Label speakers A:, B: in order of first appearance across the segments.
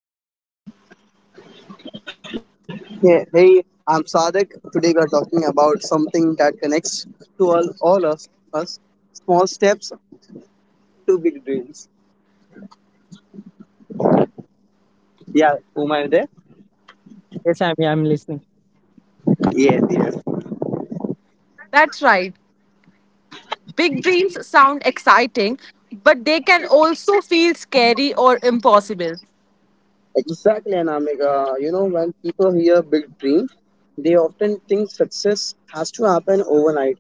A: and Om.
B: Hey, hey, I'm Sadek. Today we are talking about something that connects to us, small steps to big dreams. Yeah, who am I there?
C: Yes, yeah, I'm listening.
B: Yes, yes.
A: That's right. Big dreams sound exciting, but they can also feel scary or impossible.
B: Exactly, Anamika. When people hear big dreams, they often think success has to happen overnight.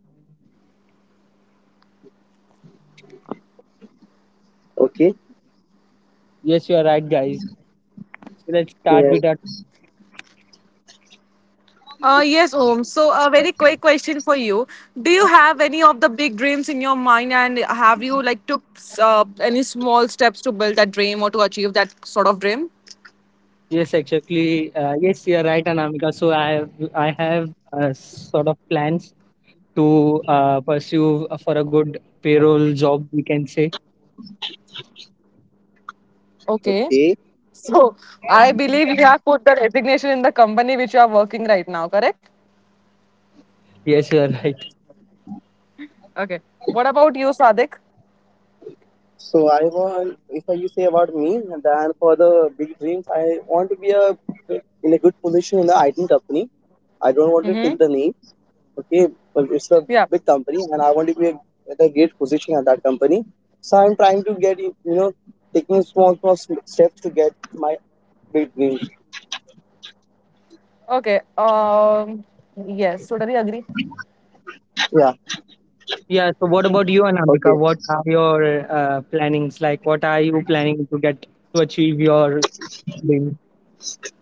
B: Okay?
C: Yes, you are right, guys. So let's start
B: Yeah.
C: with our.
A: Yes, Om. So, a very quick question for you. Do you have any of the big dreams in your mind, and have you like took any small steps to build that dream or to achieve that sort of dream?
C: Yes, exactly. Yes, you are right, Anamika. So I have sort of plans to pursue for a good payroll job, we can say.
A: Okay.
B: Okay.
A: So I believe you have put the resignation in the company which you are working right now, correct?
C: Yes, you are right.
A: Okay. What about you, Sadik?
B: So I want, if you say about me, then for the big dreams, I want to be a in a good position in the IT company. I don't want to take
A: Mm-hmm.
B: the name. Okay, but it's a
A: Yeah.
B: big company and I want to be at a great position at that company. So I'm trying to get taking small steps to get my big dreams.
A: Okay. Yes. Totally agree.
B: Yeah.
C: Yeah. So what about you,
B: Okay.
C: Anamika? What are your plannings like? What are you planning to get to achieve your dream?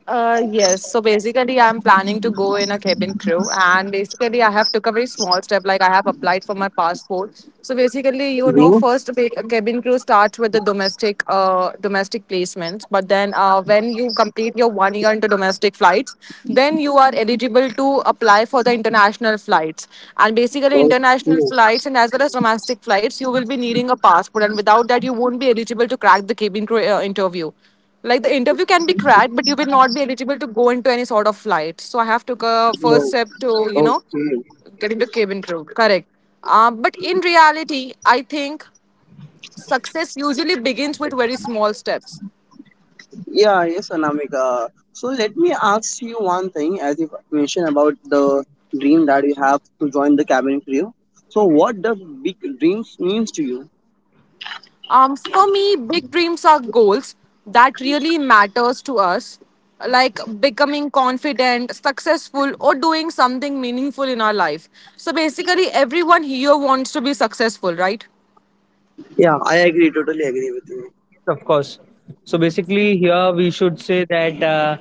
A: Yes. So basically, I'm planning to go in a cabin crew, and basically, I have took a very small step. Like I have applied for my passport. So basically, you know,
B: Hmm.
A: first cabin crew starts with the domestic, domestic placement. But then, when you complete your 1 year into domestic flights, then you are eligible to apply for the international flights. And basically, international
B: Okay.
A: flights and as well as domestic flights, you will be needing a passport, and without that, you won't be eligible to crack the cabin crew interview. Like the interview can be cracked, but you will not be eligible to go into any sort of flight. So I have took a first step to
B: Okay.
A: get into cabin crew, correct. But in reality, I think success usually begins with very small steps.
B: Yeah. Yes, Anamika, so let me ask you one thing. As you mentioned about the dream that you have to join the cabin crew, so what the big dreams means to you?
A: For me, big dreams are goals that really matters to us, like becoming confident, successful, or doing something meaningful in our life. So basically, everyone here wants to be successful, right?
B: Yeah, I agree, totally agree with
C: Yes, of course. So basically, here we should say that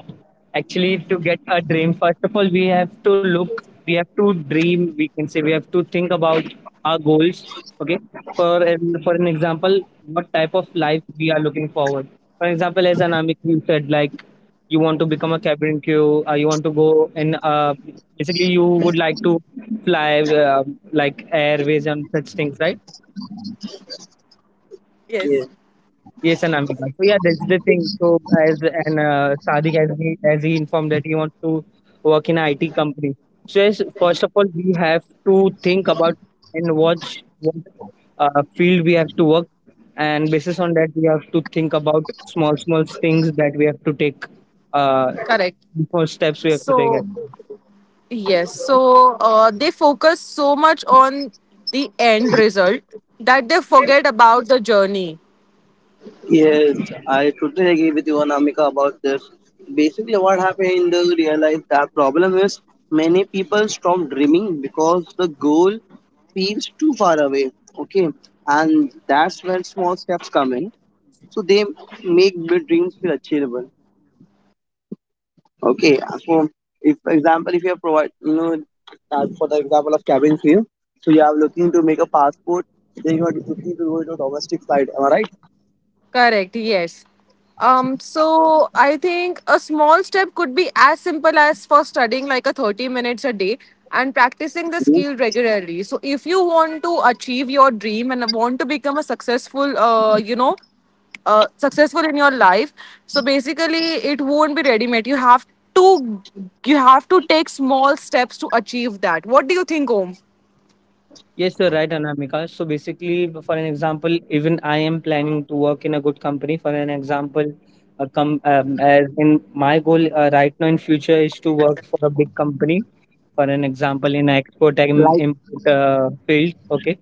C: actually, to get a dream, first of all, we have to look, we have to dream. We can say we have to think about our goals. Okay, for an example, what type of life we are looking forward. For example, as Anamik you said, like you want to become a cabin crew, you want to go in. Basically, you would like to fly like airways and such things, right?
B: you.
A: Yes,
C: Yes, Anamika. So yeah, that's the thing. So as and Sadiq as he informed that he wants to work in an IT company. So yes, first of all, we have to think about and watch what field we have to work, and basis on that we have to think about small small things that we have to take, uh,
A: correct.
C: small steps we have to take.
A: So yes, so they focus so much on the end result that they forget about the journey.
B: Yes, I totally agree with you, Anamika, about this. Basically, what happened in the real life, that problem is many people stop dreaming because the goal seems too far away. Okay, and that's where small steps come in. So they make the dreams feel achievable. Okay, so if, for example, if you are as for the example of cabin fever, so you are looking to make a passport, then you are looking to go to a domestic flight. Am I right?
A: Correct, yes. So I think a small step could be as simple as for studying like a 30 minutes a day and practicing the
B: Mhm.
A: skill regularly. So if you want to achieve your dream and want to become a successful, successful in your life, so basically it won't be ready made. To you have to take small steps to achieve that. What do you think, Om?
C: Yes, you're right, Anamika. So basically, for an example, even I am planning to work in a good company. For an example, a com as in my goal right now in future is to work for a big company. For an example, in export and
B: Like,
C: import field. Okay.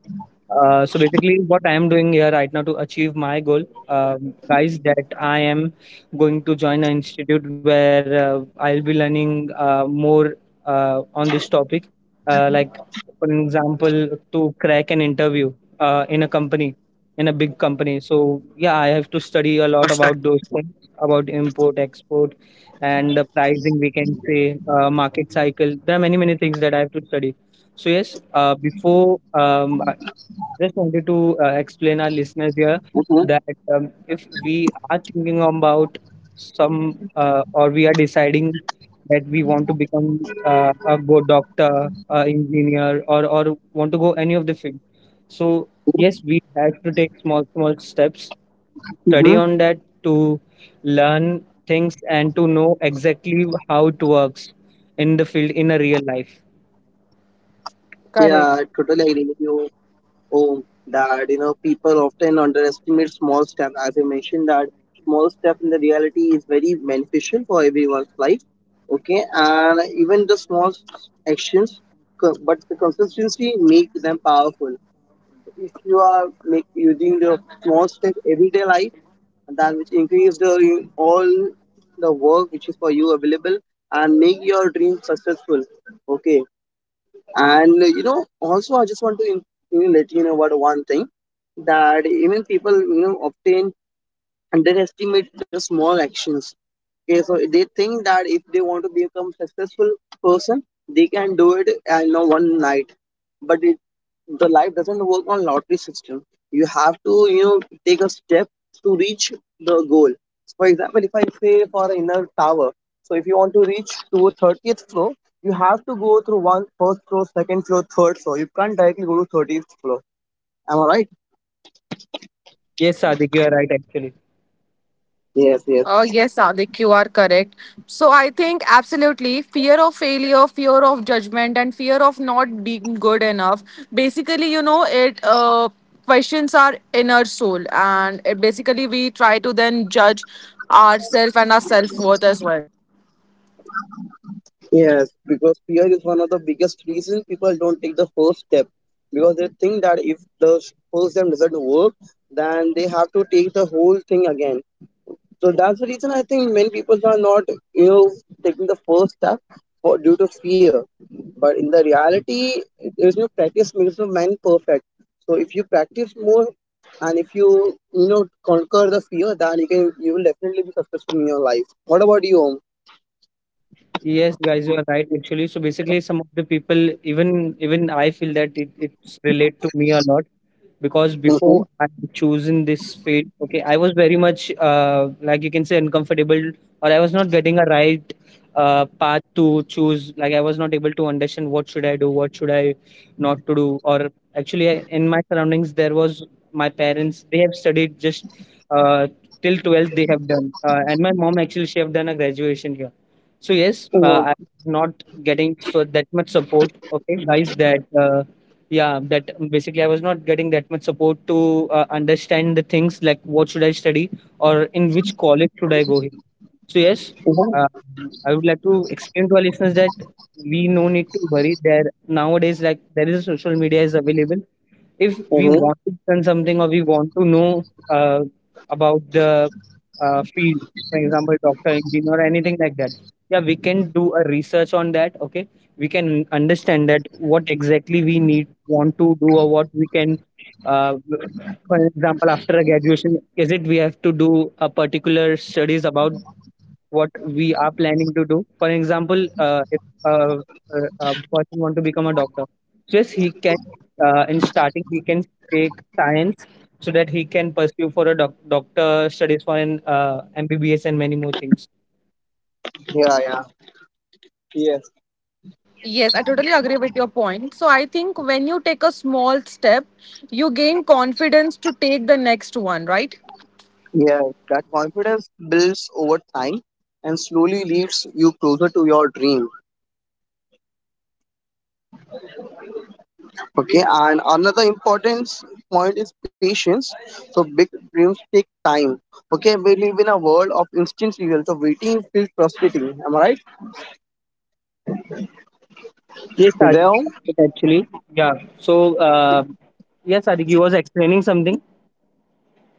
C: So basically, what I am doing here right now to achieve my goal, guys, that I am going to join an institute where I'll be learning more on this topic. Like for example, to crack an interview in a company, in a big company. So yeah, I have to study a lot about those things, about import, export, and the pricing. We can say market cycle. There are many things that I have to study. So yes, before just wanted to explain our listeners here that if we are thinking about some or we are deciding that we want to become a good doctor, engineer, or want to go any of the field. So yes, we have to take small small steps,
B: mhm.
C: study on that to learn things and to know exactly how it works in the field in a real life.
B: Yeah, I
A: Correct.
B: totally agree with you. Oh, that people often underestimate small step. As you mentioned, that small step in the reality is very beneficial for everyone's life. Okay, and even the small actions, but the consistency make them powerful. If you are make using the small step everyday life, that which increase the all the work which is for you available and make your dream successful. Okay, and you know also I just want to let you know about one thing that even people obtain underestimate the small actions. Okay, so they think that if they want to become successful person, they can do it in a one night. But it, the life doesn't work on lottery system. You have to take a step to reach the goal. For example, if I say for inner tower, so if you want to reach to 30th floor, you have to go through one first floor, second floor, third floor. You can't directly go to 30th floor. Am I right?
C: Yes, Sadiq, you are right actually.
B: Yes, yes.
A: Oh, yes, Sadik, you are correct. So I think absolutely fear of failure, fear of judgment, and fear of not being good enough. Basically, you know, it questions our inner soul, and it basically we try to then judge ourselves and our self worth as well.
B: Yes, because fear is one of the biggest reason people don't take the first step because they think that if the first step doesn't work, then they have to take the whole thing again. So that's the reason I think many people are not, you know, taking the first step for due to fear. But in the reality, there is no practice makes the man perfect. So if you practice more and if you conquer the fear, then you will definitely be successful in your life. What about you, Om?
C: Yes, guys, you are right actually. So basically some of the people even I feel that it's relate to me a lot because before I had chosen this field, okay, I was very much like you can say uncomfortable, or I was not getting a right path to choose. Like I was not able to understand what should I do, what should I not to do, or actually in my surroundings there was my parents. They have studied just uh, till 12th. They have done, and my mom actually she have done a graduation here. So yes, I'm
B: Mhm.
C: not getting so that much support. Okay, guys, that. Yeah that basically I was not getting that much support to understand the things like what should I study or in which college should I go. So yes, uh,
B: Mhm.
C: I would like to explain to our listeners that we no need to worry. There nowadays, like there is a social media is available. If we
B: Mhm.
C: want to learn something or we want to know about the field, for example, doctor, engineer, or anything like that, yeah, we can do a research on that. Okay, we can understand that what exactly we need want to do or what we can uh, for example after a graduation is it we have to do a particular studies about what we are planning to do. For example, if a person want to become a doctor, so yes, he can. In starting, he can take science so that he can pursue for a doctor studies for an MBBS and many more things.
B: Yeah, yeah, yes.
A: Yes, I totally agree with your point. So I think when you take a small step, you gain confidence to take the next one, right?
B: Yeah, that confidence builds over time and slowly leads you closer to your dream. Okay, and another important point is patience. So big dreams take time. Okay, we live in a world of instant results. So waiting feels frustrating. Am I right?
C: Yes, Sadiq,
B: There.
C: actually. Yeah. So, yes, Sadiq, you was explaining something.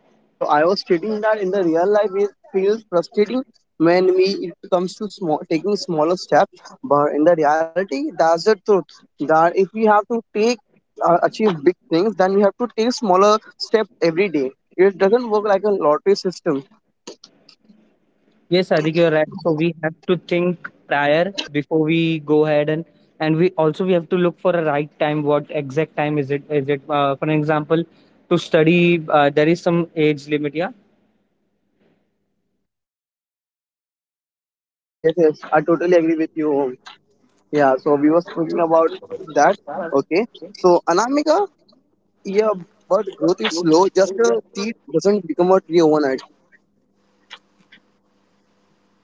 B: Yeah, so I was stating that in the real life it feels frustrating when we it comes to small taking smaller steps, but in the reality that's the truth. That if we have to take achieve big things, then we have to take smaller step every day. It doesn't work like a lottery system.
C: Yes, I think you're right. So we have to think prior before we go ahead and we also we have to look for a right time. What exact time is it? Is it for an example to study? There is some age limit. Yeah.
B: Yes, yes, I totally agree with you, Om. Yeah, so we were speaking about that. Okay, so Anamika, yeah, but growth is slow. Just a seed doesn't become a tree overnight.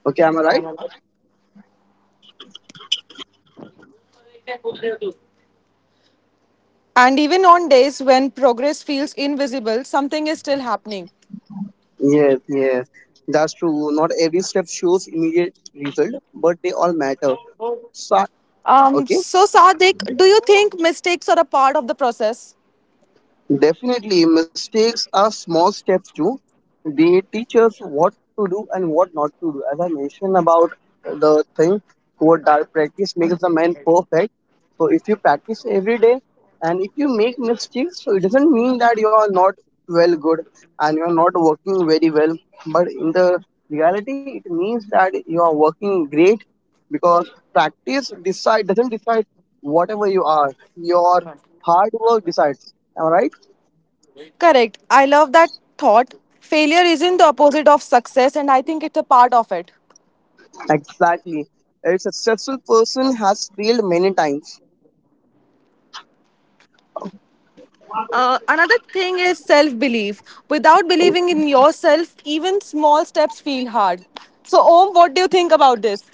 B: Okay, am I right?
A: And even on days when progress feels invisible, something is still happening.
B: Yes, yes, that's true. Not every step shows immediate result, but they all matter. So,
A: Um,
B: okay,
A: so, Sadik, do you think mistakes are a part of the process?
B: definitely mistakes are small steps too. They teach us what to do and what not to do. As I mentioned about the thing, what that practice makes the man perfect. So if you practice every day and if you make mistakes, so it doesn't mean that you are not well good and you are not working very well. But in the reality, it means that you are working great because practice decide doesn't decide whatever you are. Your hard work decides. Am I right?
A: Correct. I love that thought. Failure isn't the opposite of success, and I think it's a part of it.
B: Exactly. A successful person has failed many times.
A: Another thing is self belief. Without believing in yourself, even small steps feel hard. So, Om, what do you think about this?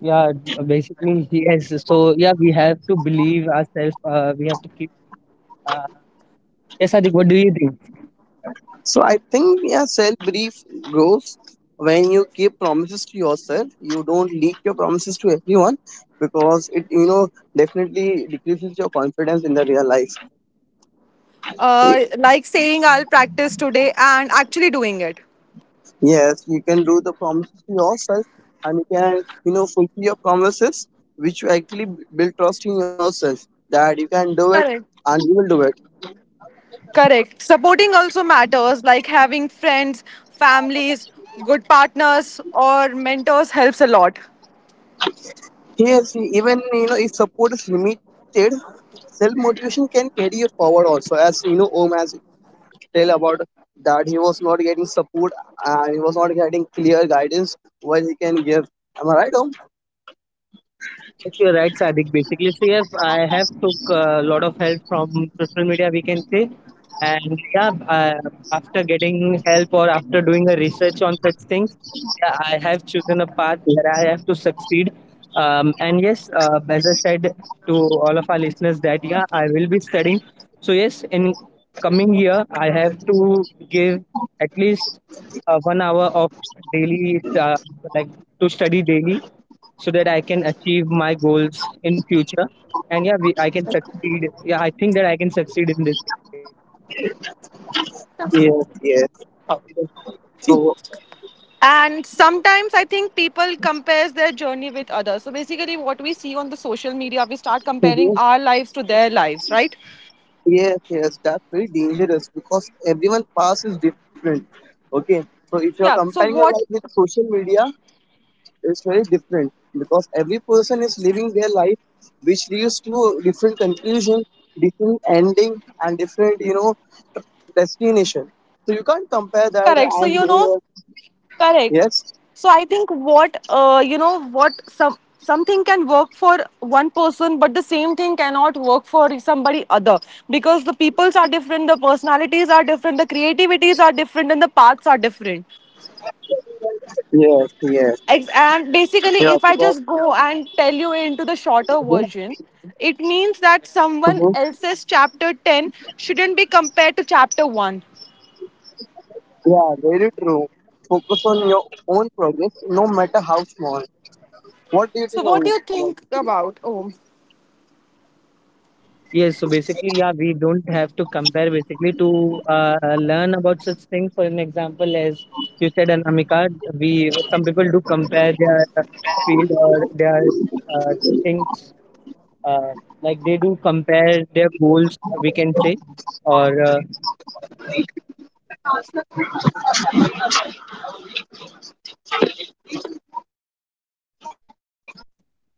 C: Yeah. Basically, yes. So yeah, we have to believe ourselves. We have to keep. Uh, yes, Sadik, what do you think?
B: So I think yeah, self belief grows when you keep promises to yourself. You don't leak your promises to everyone because it definitely decreases your confidence in the real life. Ye-
A: Like saying I'll practice today and actually doing it.
B: Yes, you can do the promises to yourself and you can fulfill your promises, which you actually build trust in yourself that you can do it
A: Correct.
B: and you will do it.
A: Correct. Supporting also matters, like having friends, families, good partners, or mentors helps a lot.
B: Yes, even if support is limited, self motivation can carry you forward also. As you know, Om has tell about that he was not getting support and he was not getting clear guidance what he can give. Am I right, Om?
C: Yes, you're right, Sadiq. Basically, so yes, I have took a lot of help from social media, we can say, and yeah, after getting help or after doing a research on such things, yeah, I have chosen a path that I have to succeed. And yes, as I said to all of our listeners, that yeah, I will be studying. So yes, in coming year I have to give at least 1 hour of daily like to study daily so that I can achieve my goals in future, and yeah, I can succeed. Yeah, I think that I can succeed in this thing.
B: Yes, yes. So
A: And sometimes I think people compares their journey with others. So basically, what we see on the social media, we start comparing
B: mhm.
A: our lives to their lives, right?
B: Yes, yes, that's very dangerous because everyone path is different. Okay, so if you're
A: Yeah.
B: comparing
A: So
B: your life
A: what?
B: with social media, it's very different because every person is living their life, which leads to different conclusion, different ending, and different, destination. So you can't compare that
A: Correct. So
B: I'm
A: you know,
B: here.
A: correct.
B: Yes,
A: So I think what what some something can work for one person, but the same thing cannot work for somebody other, because the peoples are different, the personalities are different, the creativities are different, and the paths are different.
B: yes, yes.
A: And basically,
B: Yeah,
A: if I
B: because
A: just go and tell you into the shorter
B: mhm,
A: version, it means that someone
B: mhm.
A: else's chapter 10 shouldn't be compared to chapter 1.
B: Yeah, very true. Focus on your own progress, no matter how small. what do you think
A: So what do
B: of-
A: you
B: about
A: think about, oh.
C: Yes, so basically, yeah, we don't have to compare basically to learn about such things for an example. As you said, Anamika, we some people do compare their field or their uh, things, uh, like they do compare their goals, we can say, or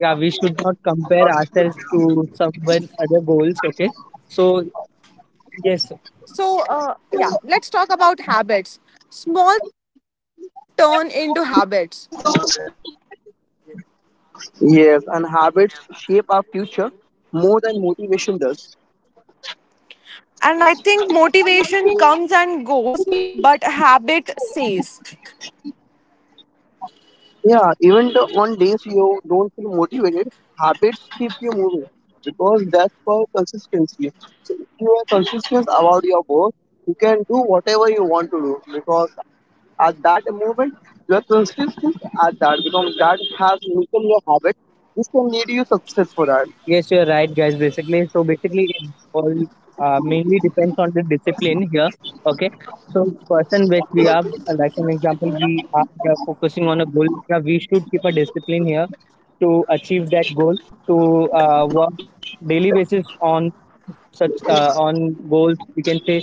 C: yeah, we should not compare ourselves to someone other goals. Okay, so yes.
A: So, yeah, let's talk about habits. Small steps often turn into habits.
B: Yes, and habits shape our future more than motivation does.
A: And I think motivation comes and goes, but habit stays.
B: Yeah, even the, on days you don't feel motivated, habits keep you moving because that's for consistency. So if you are consistent about your work, you can do whatever you want to do because at that moment you are consistent at that because that has become your habit. This can lead you success for that.
C: Yes, you're right, guys. Basically, so basically it all mainly depends on the discipline here. Okay, so person which we are like an example, we are focusing on a goal, yeah, we should keep a discipline here to achieve that goal, to work daily basis on such on goals, we can say.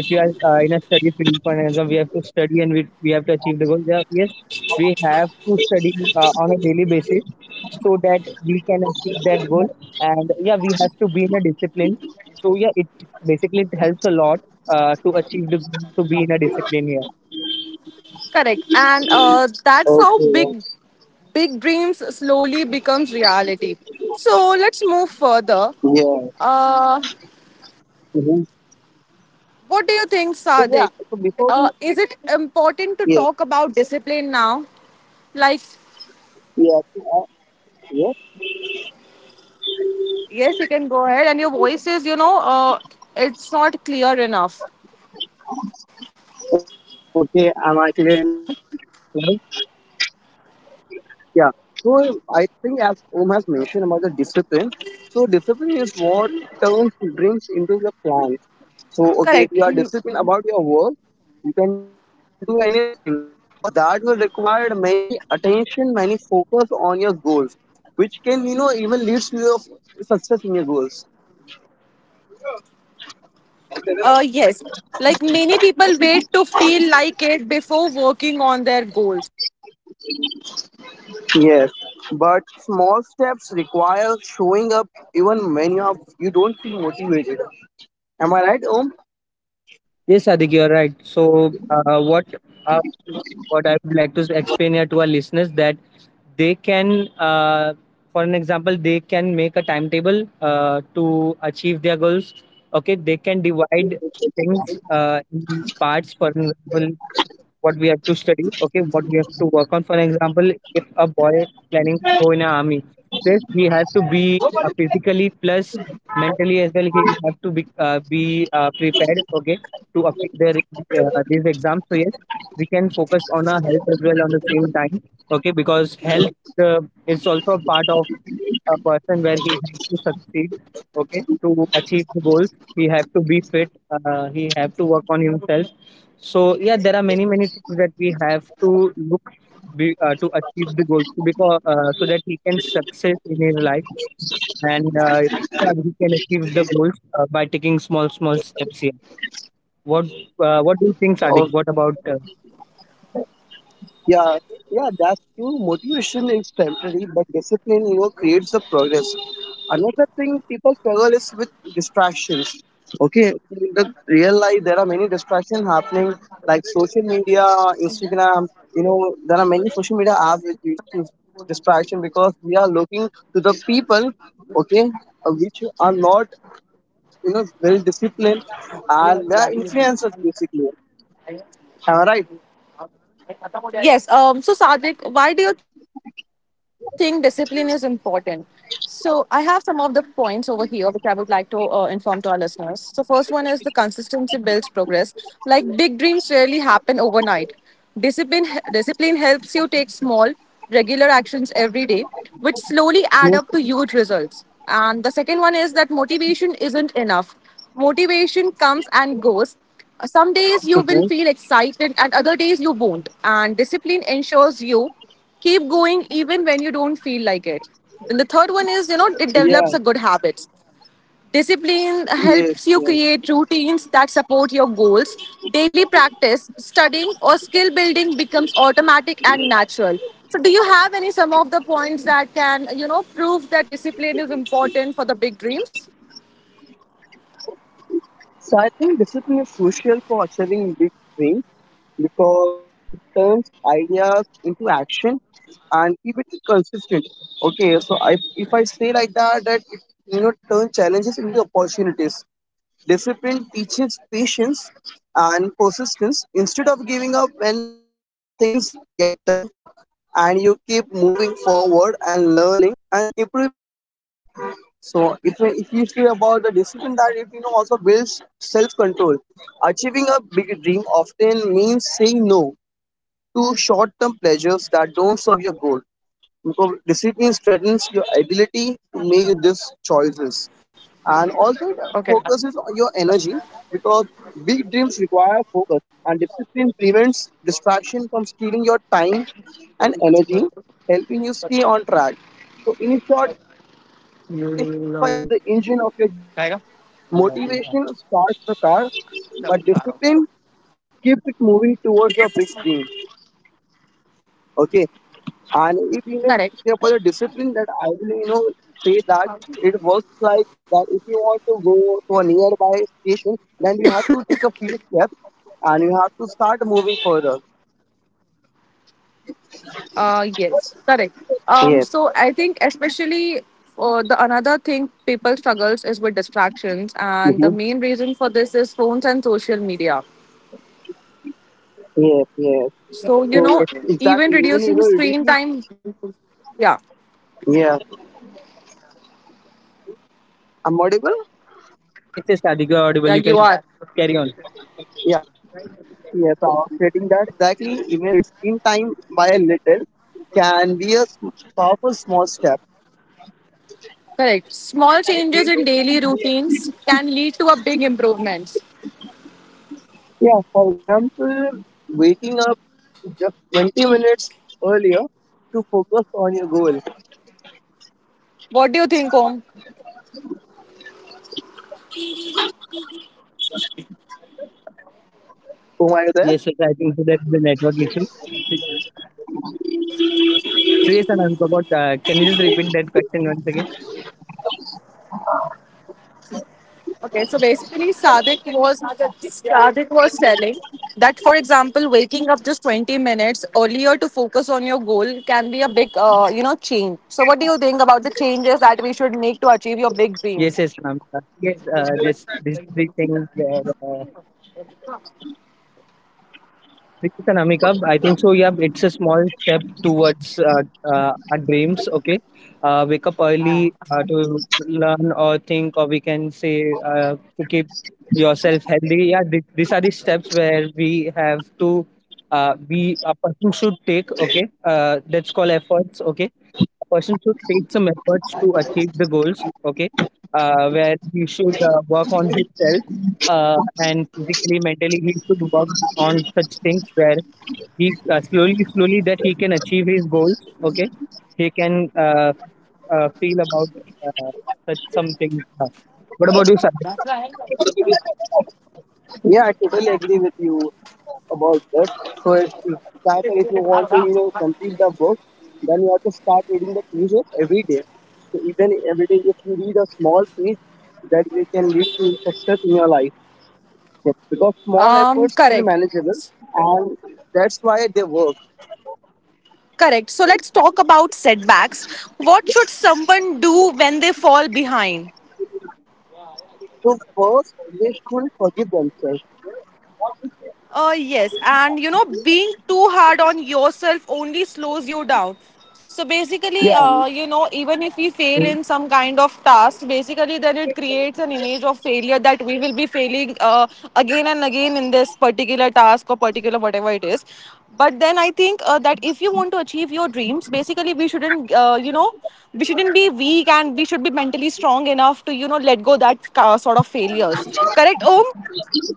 C: If you are in a study field, for example, we have to study, and we have to achieve the goal. Yeah, yes, we have to study on a daily basis so that we can achieve that goal. And yeah, we have to be in a discipline. So yeah, it basically it helps a lot to achieve the, to be in a discipline here.
A: Correct. And that's
B: Okay.
A: how big dreams slowly becomes reality. So let's move further.
B: Yeah.
A: Uh,
B: Hmm.
A: what do you think,
B: So yeah.
A: Sadik?
B: So before we
A: Is it important to
B: yeah,
A: talk about discipline now? Like,
B: yeah, yes.
A: yes, you can go ahead. And your voice is, it's not clear enough.
B: Okay. Am I clear enough right now? Yeah. So I think as Om has mentioned about the discipline, so discipline is what turns dreams into the plan. So
A: Correct.
B: okay, if you
A: Mm.
B: are disciplined about your work, you can do anything because that will require many attention, many focus on your goals, which can even leads to your success in your goals.
A: Yes. Like many people wait to feel like it before working on their goal.
B: Yes, but small steps require showing up even when you don't feel motivated. Am I right, Om?
C: Yes, Sadiq, you're right. So, uh, what I would like to explain here to our listeners that they can, for an example, they can make a timetable to achieve their goals. Okay, they can divide things in parts. For example, what we have to study, okay, what we have to work on. For example, if a boy is planning to go in an army, this he have to be physically plus mentally as well. He have to be prepared, okay, to appear their these exams. So yes, we can focus on our health as well on the same time, okay, because health uh, is also a part of a person where he has to succeed. Okay, to achieve the goals he have to be fit, he have to work on himself. So yeah, there are many many things that we have to look, to achieve the goals because so that he can success in his life and yeah, he can achieve the goals by taking small small steps here. What what do you think, Sadiq? What about
B: Yeah, yeah, that's true. Motivation is temporary, but discipline, creates the progress. Another thing people struggle is with distractions. Okay, in the real life, there are many distractions happening, social media, Instagram. You know, there are many social media apps which leads to distraction because we are looking to the people, okay, which are not, well disciplined, and they are influencers basically. Am I right?
A: Yes. So, Sadik, why do you think discipline is important? So, I have some of the points over here which I would like to inform to our listeners. So, first one is the consistency builds progress. Like big dreams rarely happen overnight. Discipline, discipline helps you take small, regular actions every day, which slowly add up to
B: Mhm.
A: huge results. And the second one is that motivation isn't enough. Motivation comes and goes. Some days you will feel excited,
B: Mhm.
A: and other days you won't. And discipline ensures you keep going even when you don't feel like it. Then the third one is, you know, it develops a good
B: Yeah.
A: habit. Discipline helps you
B: Yes,
A: create
B: yes.
A: routines that support your goals. Daily practice, studying, or skill building becomes automatic and natural. So, do you have any some of the points that can you know prove that discipline is important for the big dreams?
B: So I think discipline is really crucial for achieving big dreams because it turns ideas into action and keep it consistent. Okay, so if I say like that, that it turn challenges into opportunities. Discipline teaches patience and persistence instead of giving up when things get tough, and you keep moving forward and learning and improving all the way. So if you see about the discipline that it also builds self control. Achieving a big dream often means saying no to short term pleasures that don't serve your goal. Because discipline strengthens your ability to make these choices, and also it
A: Okay,
B: focuses on your energy because big dreams require focus and discipline prevents from stealing your time and energy, helping you stay on track. So in short, if I say discipline is like the engine of your journey, motivation starts the car, but discipline keeps it moving towards your big dream. Okay. And if you know
A: correct.
B: care for the discipline, that I will, say that it works like that if you want to go to a nearby station, you have to take a few steps and you have to start moving further.
A: Yes, correct. Um,
B: Yeah.
A: so I think especially the another thing people struggles is with distractions, and the
B: Mm-hmm.
A: main reason for this is phones and social media.
B: Yes, yes.
A: So
B: So
A: you know,
C: yes,
A: even
B: exactly, even
A: reducing screen time.
B: reducing
A: Yeah,
B: yeah. I'm audible?
C: yes. Yes, Sadiq, you're
A: yeah,
C: audible. You
A: you
C: can
A: are
C: carry on.
B: Yeah. Yes, I was stating that exactly even reducing screen time by a little can be a powerful small step.
A: correct. Small changes in daily routines can lead to a big improvements.
B: Yeah, for example, waking up just 20 minutes earlier to focus on your goal.
A: What do you think, Om?
B: Oh, are you there?
C: Yes, yes, I think so that's the network issue. So yes, Anand, about can you just repeat that question once again?
A: Okay, so basically, Sadik was telling that, for example, waking up just 20 minutes earlier to focus on your goal can be a big, change. So, what do you think about the changes that we should make to achieve your big dreams?
C: Yes, yes, Anand. Yes, this is the thing where this and an Amikab. I think so. Yeah, it's a small step towards our dreams. Okay, wake up early to learn or think, or we can say to keep yourself healthy. Yeah, these are the steps where we have to be a person should take. Okay, that's called efforts. Okay, a person should take some efforts to achieve the goals. Okay, where he should work on himself and physically, mentally, he should work on such things where he slowly, slowly that he can achieve his goals. Okay, he can feel about uh, such some things now. What about you, Sandeep?
B: Yeah, I totally agree with you about that. So, if that if you want to complete the book, then you have to start reading the pages every day. So, even every day, if you read a small page, that we can lead to success in your life. Because
A: Um,
B: small efforts
A: correct.
B: feel manageable, and that's why they work.
A: Correct. So let's talk about setbacks. What should someone do when they fall behind?
B: To first they should forgive themselves.
A: Yes, and you know, being too hard on yourself only slows you down. So basically, you know,
B: Yeah.
A: even if we fail in some kind of task, basically, then it creates an image of failure that we will be failing again and again in this particular task or particular whatever it is. But then I think that if you want to achieve your dreams, basically, we shouldn't, you know, we shouldn't be weak and we should be mentally strong enough to, you know, let go that sort of failures. Correct, Om?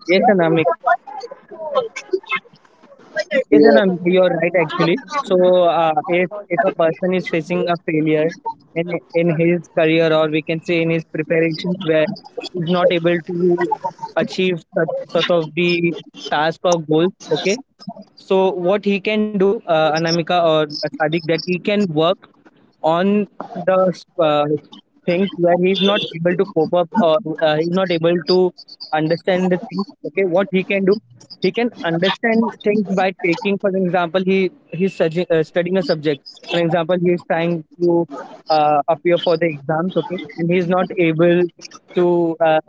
C: Yes, and I'm Yes,
B: Yeah.
C: and you're right actually. So, if a person is facing a failure in his career, or we can say in his preparations where he's not able to achieve such sort of the task or goals, okay, so what he can do, Anamika or Sadiq, that he can work on the things where he's not able to cope up or he's not able to understand the things. Okay, what he can do, he can understand things by taking, for example, studying a subject. For example, he is trying to appear for the exams. Okay, and he's not able to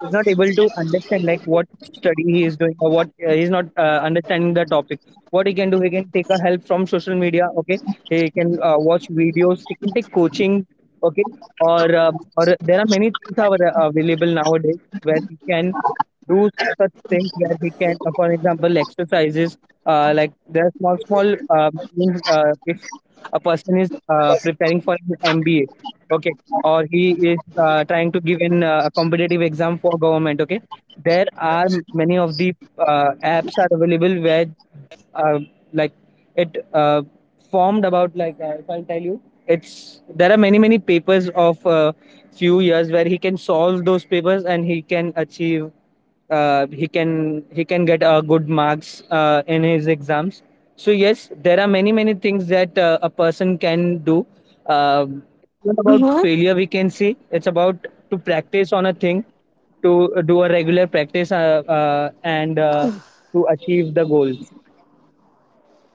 C: is not able to understand like what study he is doing or what he's not understanding the topic. What he can do, he can take a help from social media. Okay, he can watch videos, he can take coaching. Okay, or there are many things are available nowadays where he can do such things where he can for example exercises, like there are small small things, if a person is preparing for an MBA, okay, or he is trying to give in a competitive exam for government. Okay, there are many of the apps are available where uh, like it formed about, like if I'll tell you it's there are many many papers of few years where he can solve those papers and he can achieve, he can get good marks in his exams. So yes, there are many many things that a person can do, it's not about failure, we can say. It's about to practice on a thing, to do a regular practice, and to achieve the goals.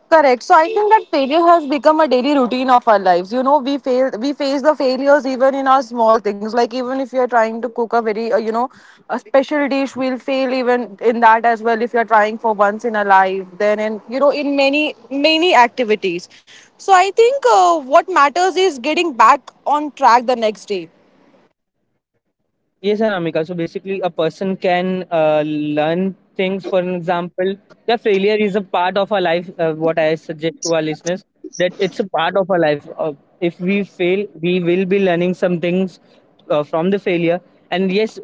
A: Correct. So I think that failure has become a daily routine of our lives. You know, we fail, we face the failures even in our small things. Like even if you're trying to cook a very, you know, a special dish, we'll fail even in that as well. If you're trying for once in a life, then in in many many activities. So I think what matters is getting back on track the next day.
C: Yes, Anamika. So basically, a person can learn things. For an example, yeah, failure is a part of our life. What I suggest to our listeners that it's a part of our life. If we fail, we will be learning some things from the failure. And yes,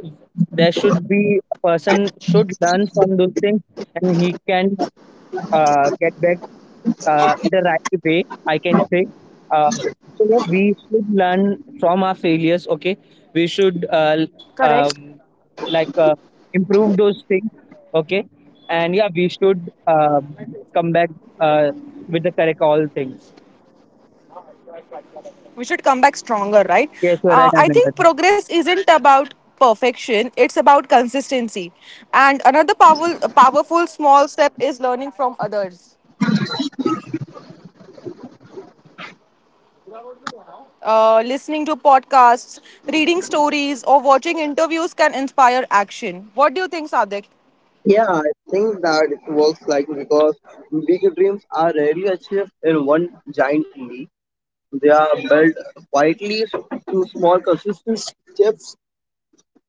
C: there should be a person should learn from those things, and he can, get back the right way, I can say. Uh, so yeah, we should learn from our failures. Okay, we should l-
A: Correct.
C: um, like improve those things. Okay, and yeah, we should come back uh, with the correct all things.
A: We should come back stronger, right?
C: Yes, you're
A: uh,
C: right,
A: i
C: Anand.
A: think progress isn't about perfection, it's about consistency. And another powerful small step is learning from others. Listening to podcasts, reading stories, or watching interviews can inspire action. What do you think, Sadik?
B: Yeah, I think that it works like because big dreams are rarely achieved in one giant leap. They are built quietly through small, consistent steps,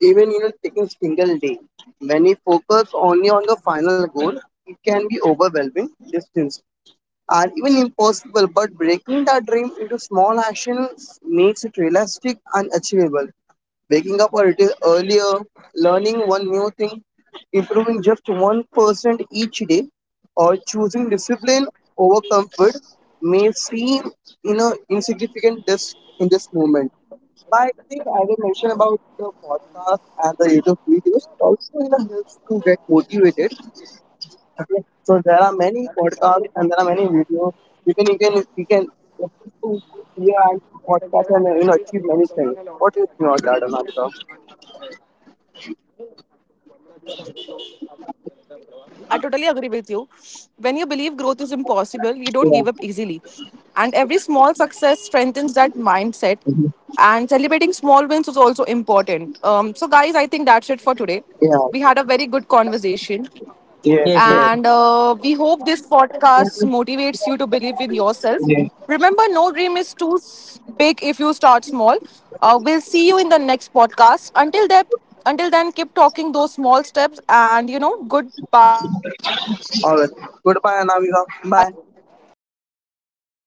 B: even in a taking single day. When you focus only on the final goal, it can be overwhelming, distant, are even impossible, but breaking that dream into small actions makes it realistic and achievable. Waking up a little earlier, learning one new thing, improving just 1% each day, or choosing discipline over comfort may seem, insignificant in this moment. But I think I will mention about the podcast and the YouTube videos. It also, helps to get motivated. Okay. So there are many podcasts and there are many videos. You can listen to here and podcast and achieve many things. What do you think about that, Anamika?
A: I totally agree with you. When you believe growth is impossible, you don't give up easily.
B: Yeah.
A: And every small success strengthens that mindset. And
B: Mhm.
A: celebrating small wins is also important. So, guys, I think that's it for today. We had a
B: Yeah.
A: very good conversation. And
B: Yes.
C: Yes,
B: Yes.
A: uh,
C: yes.
A: we hope this podcast motivates you to believe in yourself.
B: Yes.
A: Remember, no dream is too big if you start small. We'll see you in the next podcast. Until then, keep talking those small steps. And you know, goodbye and take care, guys.
B: All
A: Have a
B: right.
A: great day.
B: Goodbye,
A: Bye,
B: Anamika.
A: everyone.
B: Bye.